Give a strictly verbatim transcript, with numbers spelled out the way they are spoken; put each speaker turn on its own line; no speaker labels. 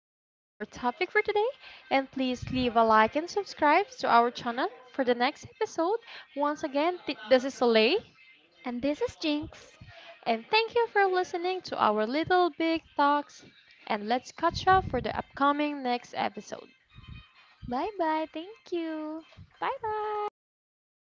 thoughts on our topic for today? And please leave a like and subscribe to our channel for the next episode. Once again, th- this is Soleil,
And this is Jinx.
and thank you for listening to our little big talks. And let's catch up for the upcoming next episode.
Bye bye. Thank you.
Bye bye.